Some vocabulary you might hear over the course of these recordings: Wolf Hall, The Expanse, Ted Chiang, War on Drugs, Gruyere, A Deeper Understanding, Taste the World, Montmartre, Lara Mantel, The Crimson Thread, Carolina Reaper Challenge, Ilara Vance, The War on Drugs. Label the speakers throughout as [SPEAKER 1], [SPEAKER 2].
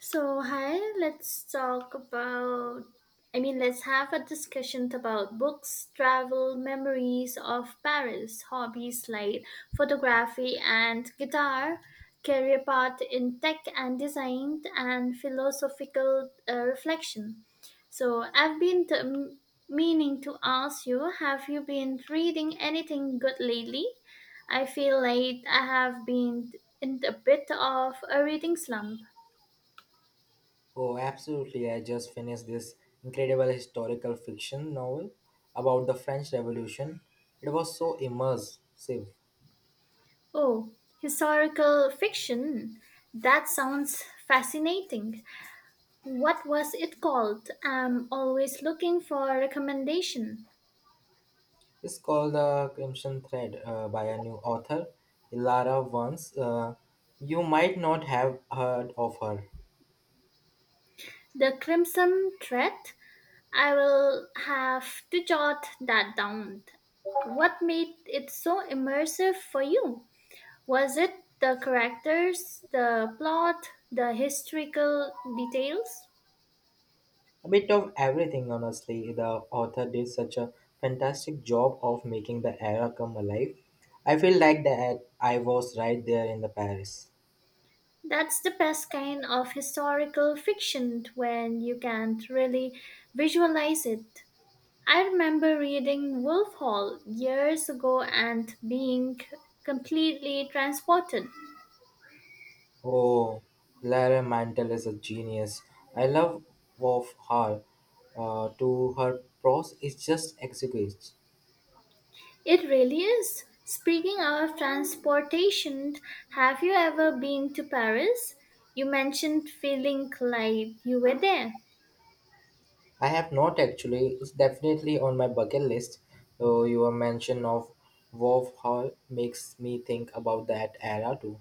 [SPEAKER 1] So, hi, let's talk about. Let's have a discussion about books, travel, memories of Paris, hobbies like photography and guitar, career path in tech and design, and philosophical reflection. So, I've been t- m- meaning to ask you, have you been reading anything good lately? I feel like I have been in a bit of a reading slump.
[SPEAKER 2] Oh, absolutely. I just finished this incredible historical fiction novel about the French Revolution. It was so immersive.
[SPEAKER 1] Oh, historical fiction. That sounds fascinating. What was it called? I'm always looking for a recommendation.
[SPEAKER 2] It's called The Crimson Thread by a new author, Ilara Vance. You might not have heard of her.
[SPEAKER 1] The Crimson Thread? I will have to jot that down. What made it so immersive for you? Was it the characters, the plot, the historical details?
[SPEAKER 2] A bit of everything, honestly. The author did such a fantastic job of making the era come alive. I feel like that I was right there in the Paris.
[SPEAKER 1] That's the best kind of historical fiction when you can't really visualize it. I remember reading Wolf Hall years ago and being completely transported.
[SPEAKER 2] Oh, Lara Mantel is a genius. I love of her. To her prose is just exquisite.
[SPEAKER 1] It really is. Speaking of transportation, have you ever been to Paris? You mentioned feeling like you were there.
[SPEAKER 2] I have not actually. It's definitely on my bucket list. So your mention of Wolf Hall makes me think about that era too.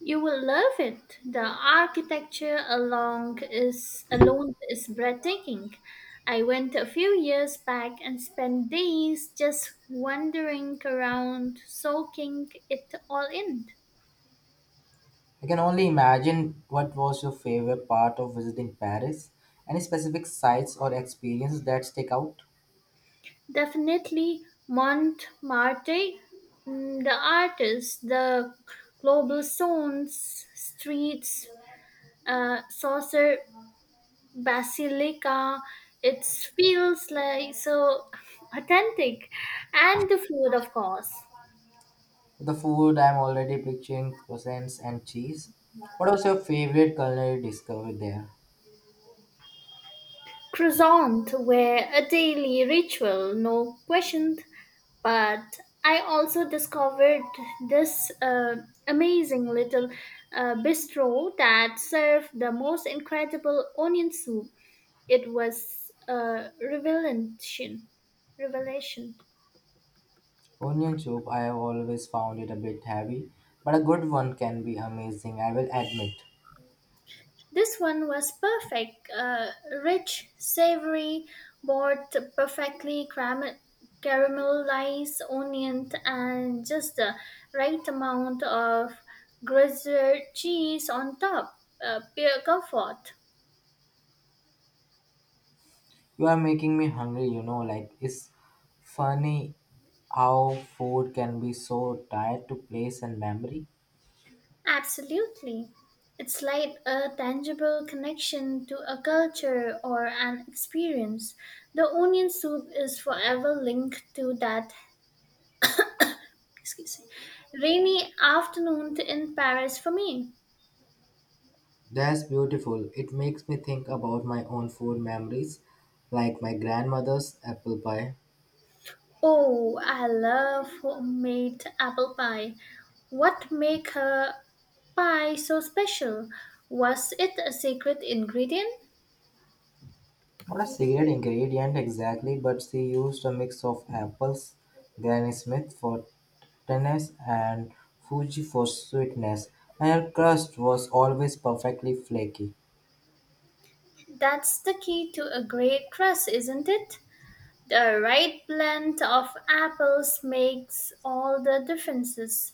[SPEAKER 1] You will love it. The architecture along is alone is breathtaking. I went a few years back and spent days just wandering around, soaking it all in.
[SPEAKER 2] I can only imagine what was your favorite part of visiting Paris. Any specific sites or experiences that stick out?
[SPEAKER 1] Definitely Montmartre, the artists, the global stones, streets, saucer basilica, it feels like so authentic, and the food, of course.
[SPEAKER 2] The food, I'm already picturing croissants and cheese. What was your favorite culinary discovery there?
[SPEAKER 1] Croissant were a daily ritual, no question, but I also discovered this amazing little bistro that served the most incredible onion soup. It was a revelation.
[SPEAKER 2] Onion soup, I have always found it a bit heavy, but a good one can be amazing, I will admit.
[SPEAKER 1] This one was perfect, rich, savory, both perfectly caramelized onion and just the right amount of gruyere cheese on top. Pure comfort.
[SPEAKER 2] You are making me hungry, you know, like it's funny how food can be so tied to place and memory.
[SPEAKER 1] Absolutely. It's like a tangible connection to a culture or an experience. The onion soup is forever linked to that, excuse me, rainy afternoon in Paris for me.
[SPEAKER 2] That's beautiful. It makes me think about my own food memories, like my grandmother's apple pie.
[SPEAKER 1] Oh, I love homemade apple pie. What make her pie so special? Was it a secret ingredient?
[SPEAKER 2] Not a secret ingredient exactly, but she used a mix of apples, Granny Smith for tartness and Fuji for sweetness, and her crust was always perfectly flaky.
[SPEAKER 1] That's the key to a great crust, isn't it? The right blend of apples makes all the differences.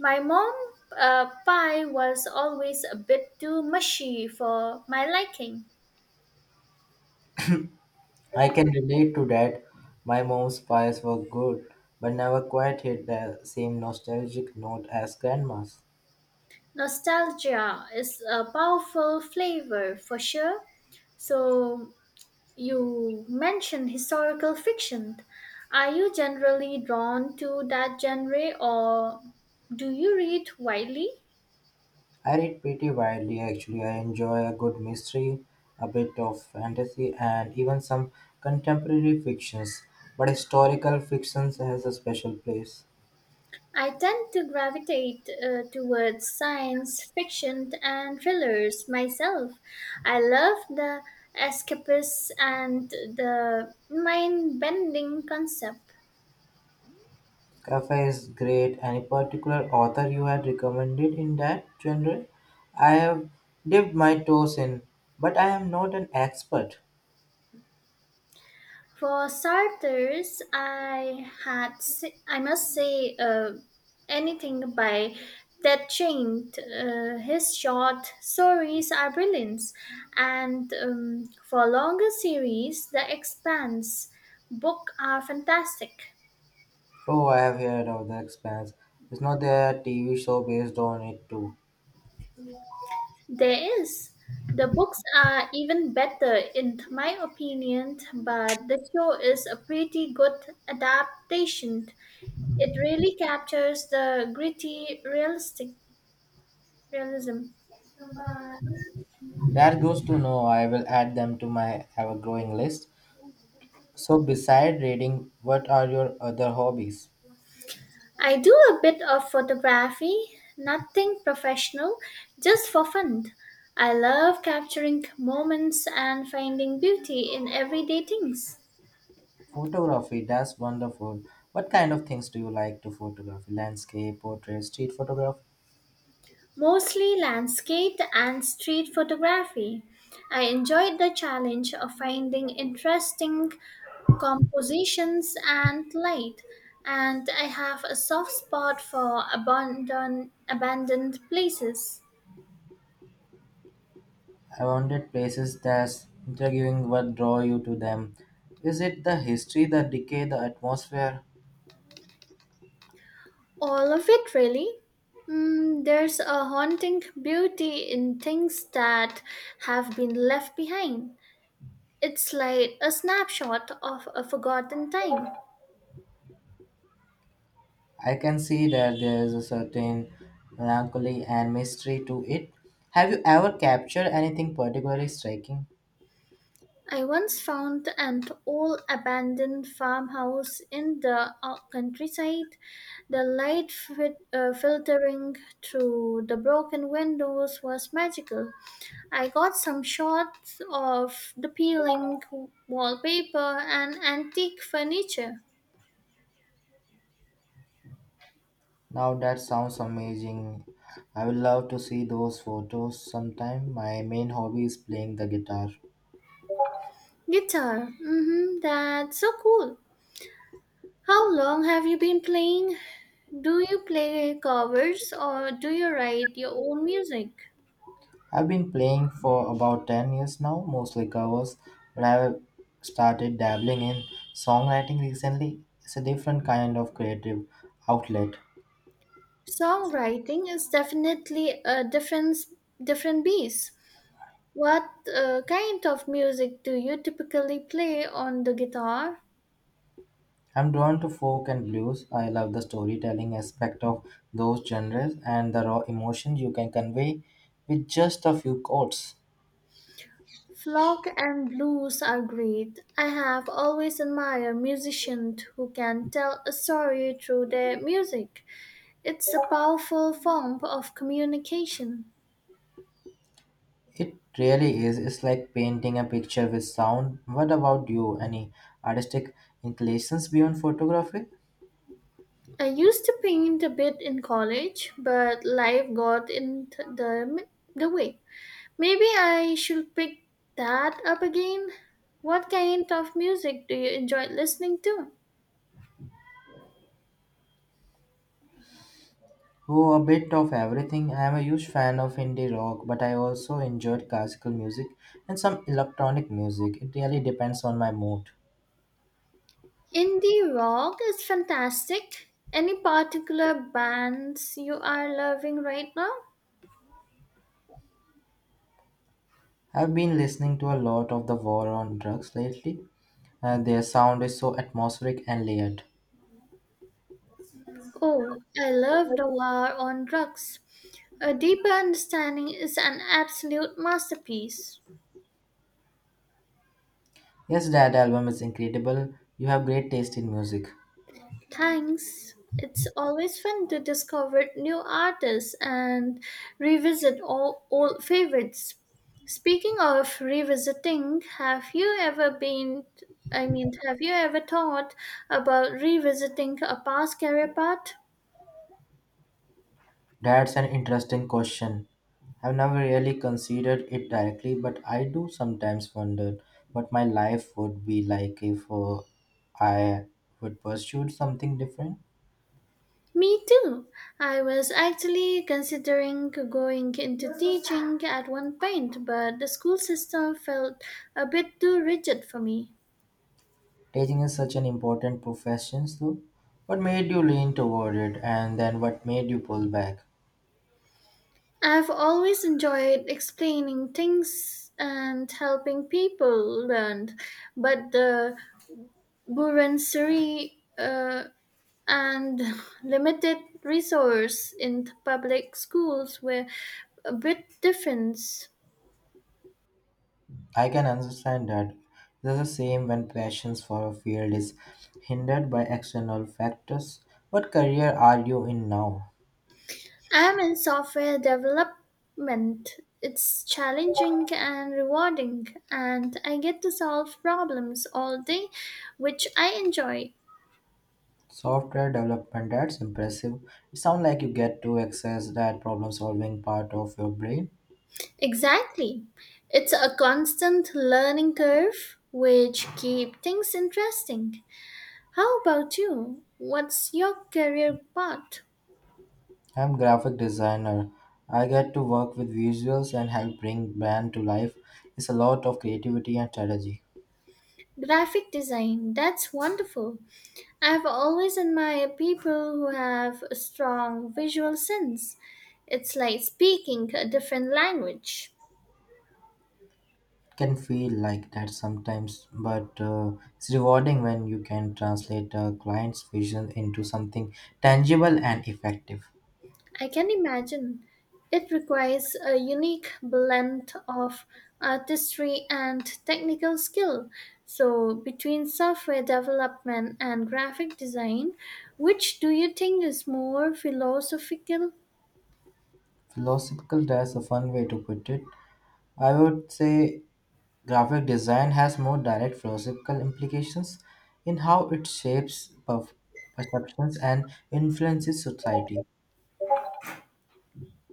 [SPEAKER 1] My mom pie was always a bit too mushy for my liking.
[SPEAKER 2] I can relate to that. My mom's pies were good, but never quite hit the same nostalgic note as grandma's.
[SPEAKER 1] Nostalgia is a powerful flavor for sure. So, you mentioned historical fiction. Are you generally drawn to that genre or do you read widely?
[SPEAKER 2] I read pretty widely actually. I enjoy a good mystery, a bit of fantasy, and even some contemporary fictions. But historical fictions has a special place.
[SPEAKER 1] I tend to gravitate towards science fiction and thrillers myself. I love the escapists and the mind bending concept.
[SPEAKER 2] Cafe is great. Any particular author you had recommended in that genre? I have dipped my toes in, but I am not an expert.
[SPEAKER 1] For starters, I must say, anything by Ted Chiang. His short stories are brilliant, and for longer series, The Expanse book are fantastic.
[SPEAKER 2] Oh, I have heard of The Expanse. Is not there a TV show based on it too?
[SPEAKER 1] There is the books are even better in my opinion, but the show is a pretty good adaptation. It really captures the gritty, realistic realism.
[SPEAKER 2] That goes to know. I will add them to my ever-growing list. So, beside reading, what are your other hobbies?
[SPEAKER 1] I do a bit of photography, nothing professional, just for fun. I love capturing moments and finding beauty in everyday things,
[SPEAKER 2] Photography, that's wonderful. What kind of things do you like to photograph? Landscape, portrait, street photograph?
[SPEAKER 1] mostly landscape and street photography. I enjoyed the challenge of finding interesting compositions and light, and I have a soft spot for abandoned places.
[SPEAKER 2] Abandoned places, that's interviewing what draw you to them. Is it the history, the decay, the atmosphere?
[SPEAKER 1] All of it, really. There's a haunting beauty in things that have been left behind. It's like a snapshot of a forgotten time.
[SPEAKER 2] I can see that there is a certain melancholy and mystery to it. Have you ever captured anything particularly striking?
[SPEAKER 1] I once found an old abandoned farmhouse in the countryside. The filtering through the broken windows was magical. I got some shots of the peeling wallpaper and antique furniture.
[SPEAKER 2] Now that sounds amazing. I would love to see those photos sometime. My main hobby is playing the guitar.
[SPEAKER 1] Guitar. Mm-hmm, that's so cool. How long have you been playing? Do you play covers or do you write your own music?
[SPEAKER 2] I've been playing for about 10 years now, mostly covers, but I've started dabbling in songwriting recently. It's a different kind of creative outlet.
[SPEAKER 1] Songwriting is definitely a different beast. What kind of music do you typically play on the guitar?
[SPEAKER 2] I'm drawn to folk and blues. I love the storytelling aspect of those genres and the raw emotion you can convey with just a few chords.
[SPEAKER 1] Folk and blues are great. I have always admired musicians who can tell a story through their music. It's a powerful form of communication.
[SPEAKER 2] It really is. It's like painting a picture with sound. What about you? Any artistic inclinations beyond photography?
[SPEAKER 1] I used to paint a bit in college, but life got in the way. Maybe I should pick that up again. What kind of music do you enjoy listening to?
[SPEAKER 2] Oh, a bit of everything. I am a huge fan of indie rock, but I also enjoyed classical music and some electronic music. It really depends on my mood.
[SPEAKER 1] Indie rock is fantastic. Any particular bands you are loving right now?
[SPEAKER 2] I've been listening to a lot of the War on Drugs lately, and their sound is so atmospheric and layered.
[SPEAKER 1] Oh, I love The War on Drugs. A Deeper Understanding is an absolute masterpiece.
[SPEAKER 2] Yes, that album is incredible. You have great taste in music.
[SPEAKER 1] Thanks. It's always fun to discover new artists and revisit all old favorites. Speaking of revisiting, have you ever thought about revisiting a past career path?
[SPEAKER 2] That's an interesting question. I've never really considered it directly, but I do sometimes wonder what my life would be like if I would pursue something different.
[SPEAKER 1] Me too. I was actually considering going into teaching at one point, but the school system felt a bit too rigid for me.
[SPEAKER 2] Teaching is such an important profession, though. What made you lean toward it, and then what made you pull back?
[SPEAKER 1] I've always enjoyed explaining things and helping people learn, but the bureaucracy and limited resource in public schools were a bit different.
[SPEAKER 2] I can understand that. This is the same when passion for a field is hindered by external factors. What career are you in now?
[SPEAKER 1] I'm in software development. It's challenging and rewarding, and I get to solve problems all day, which I enjoy.
[SPEAKER 2] Software development, that's impressive. It sounds like you get to access that problem solving part of your brain.
[SPEAKER 1] Exactly. It's a constant learning curve which keep things interesting. How about you? What's your career path?
[SPEAKER 2] I'm graphic designer. I get to work with visuals and help bring brand to life. It's a lot of creativity and strategy.
[SPEAKER 1] Graphic design. That's wonderful. I've always admired people who have a strong visual sense. It's like speaking a different language.
[SPEAKER 2] It can feel like that sometimes, but it's rewarding when you can translate a client's vision into something tangible and effective.
[SPEAKER 1] I can imagine. It requires a unique blend of artistry and technical skill. So, between software development and graphic design, which do you think is more philosophical?
[SPEAKER 2] Philosophical, that's a fun way to put it. I would say graphic design has more direct philosophical implications in how it shapes perceptions and influences society.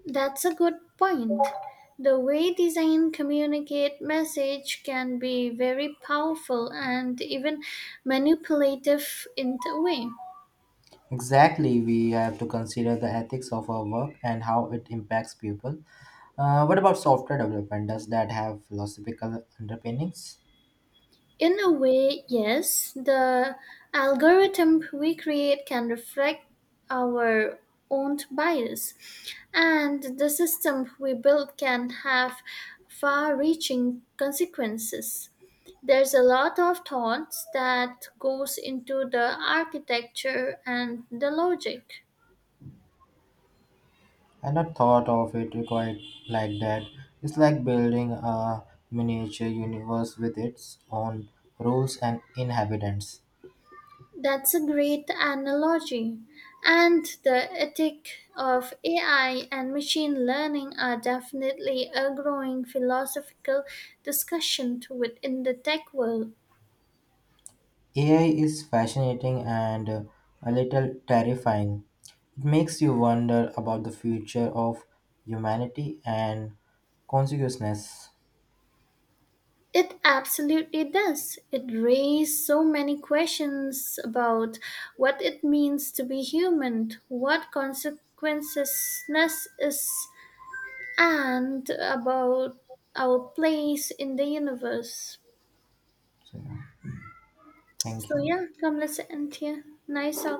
[SPEAKER 1] That's a good point. The way design communicate message can be very powerful and even manipulative in a way.
[SPEAKER 2] Exactly, we have to consider the ethics of our work and how it impacts people. What about software development? Does that have philosophical underpinnings?
[SPEAKER 1] In a way, yes, the algorithm we create can reflect our own bias, and the system we build can have far reaching consequences. There's a lot of thought that goes into the architecture and the logic.
[SPEAKER 2] I not thought of it quite like that. It's like building a miniature universe with its own rules and inhabitants.
[SPEAKER 1] That's a great analogy. And the ethic of AI and machine learning are definitely a growing philosophical discussion within the tech world.
[SPEAKER 2] AI is fascinating and a little terrifying. It makes you wonder about the future of humanity and consciousness.
[SPEAKER 1] It absolutely does. It raises so many questions about what it means to be human, what consequences is, and about our place in the universe.
[SPEAKER 2] So, yeah, thank
[SPEAKER 1] So
[SPEAKER 2] you.
[SPEAKER 1] yeah, come listen here. Nice out.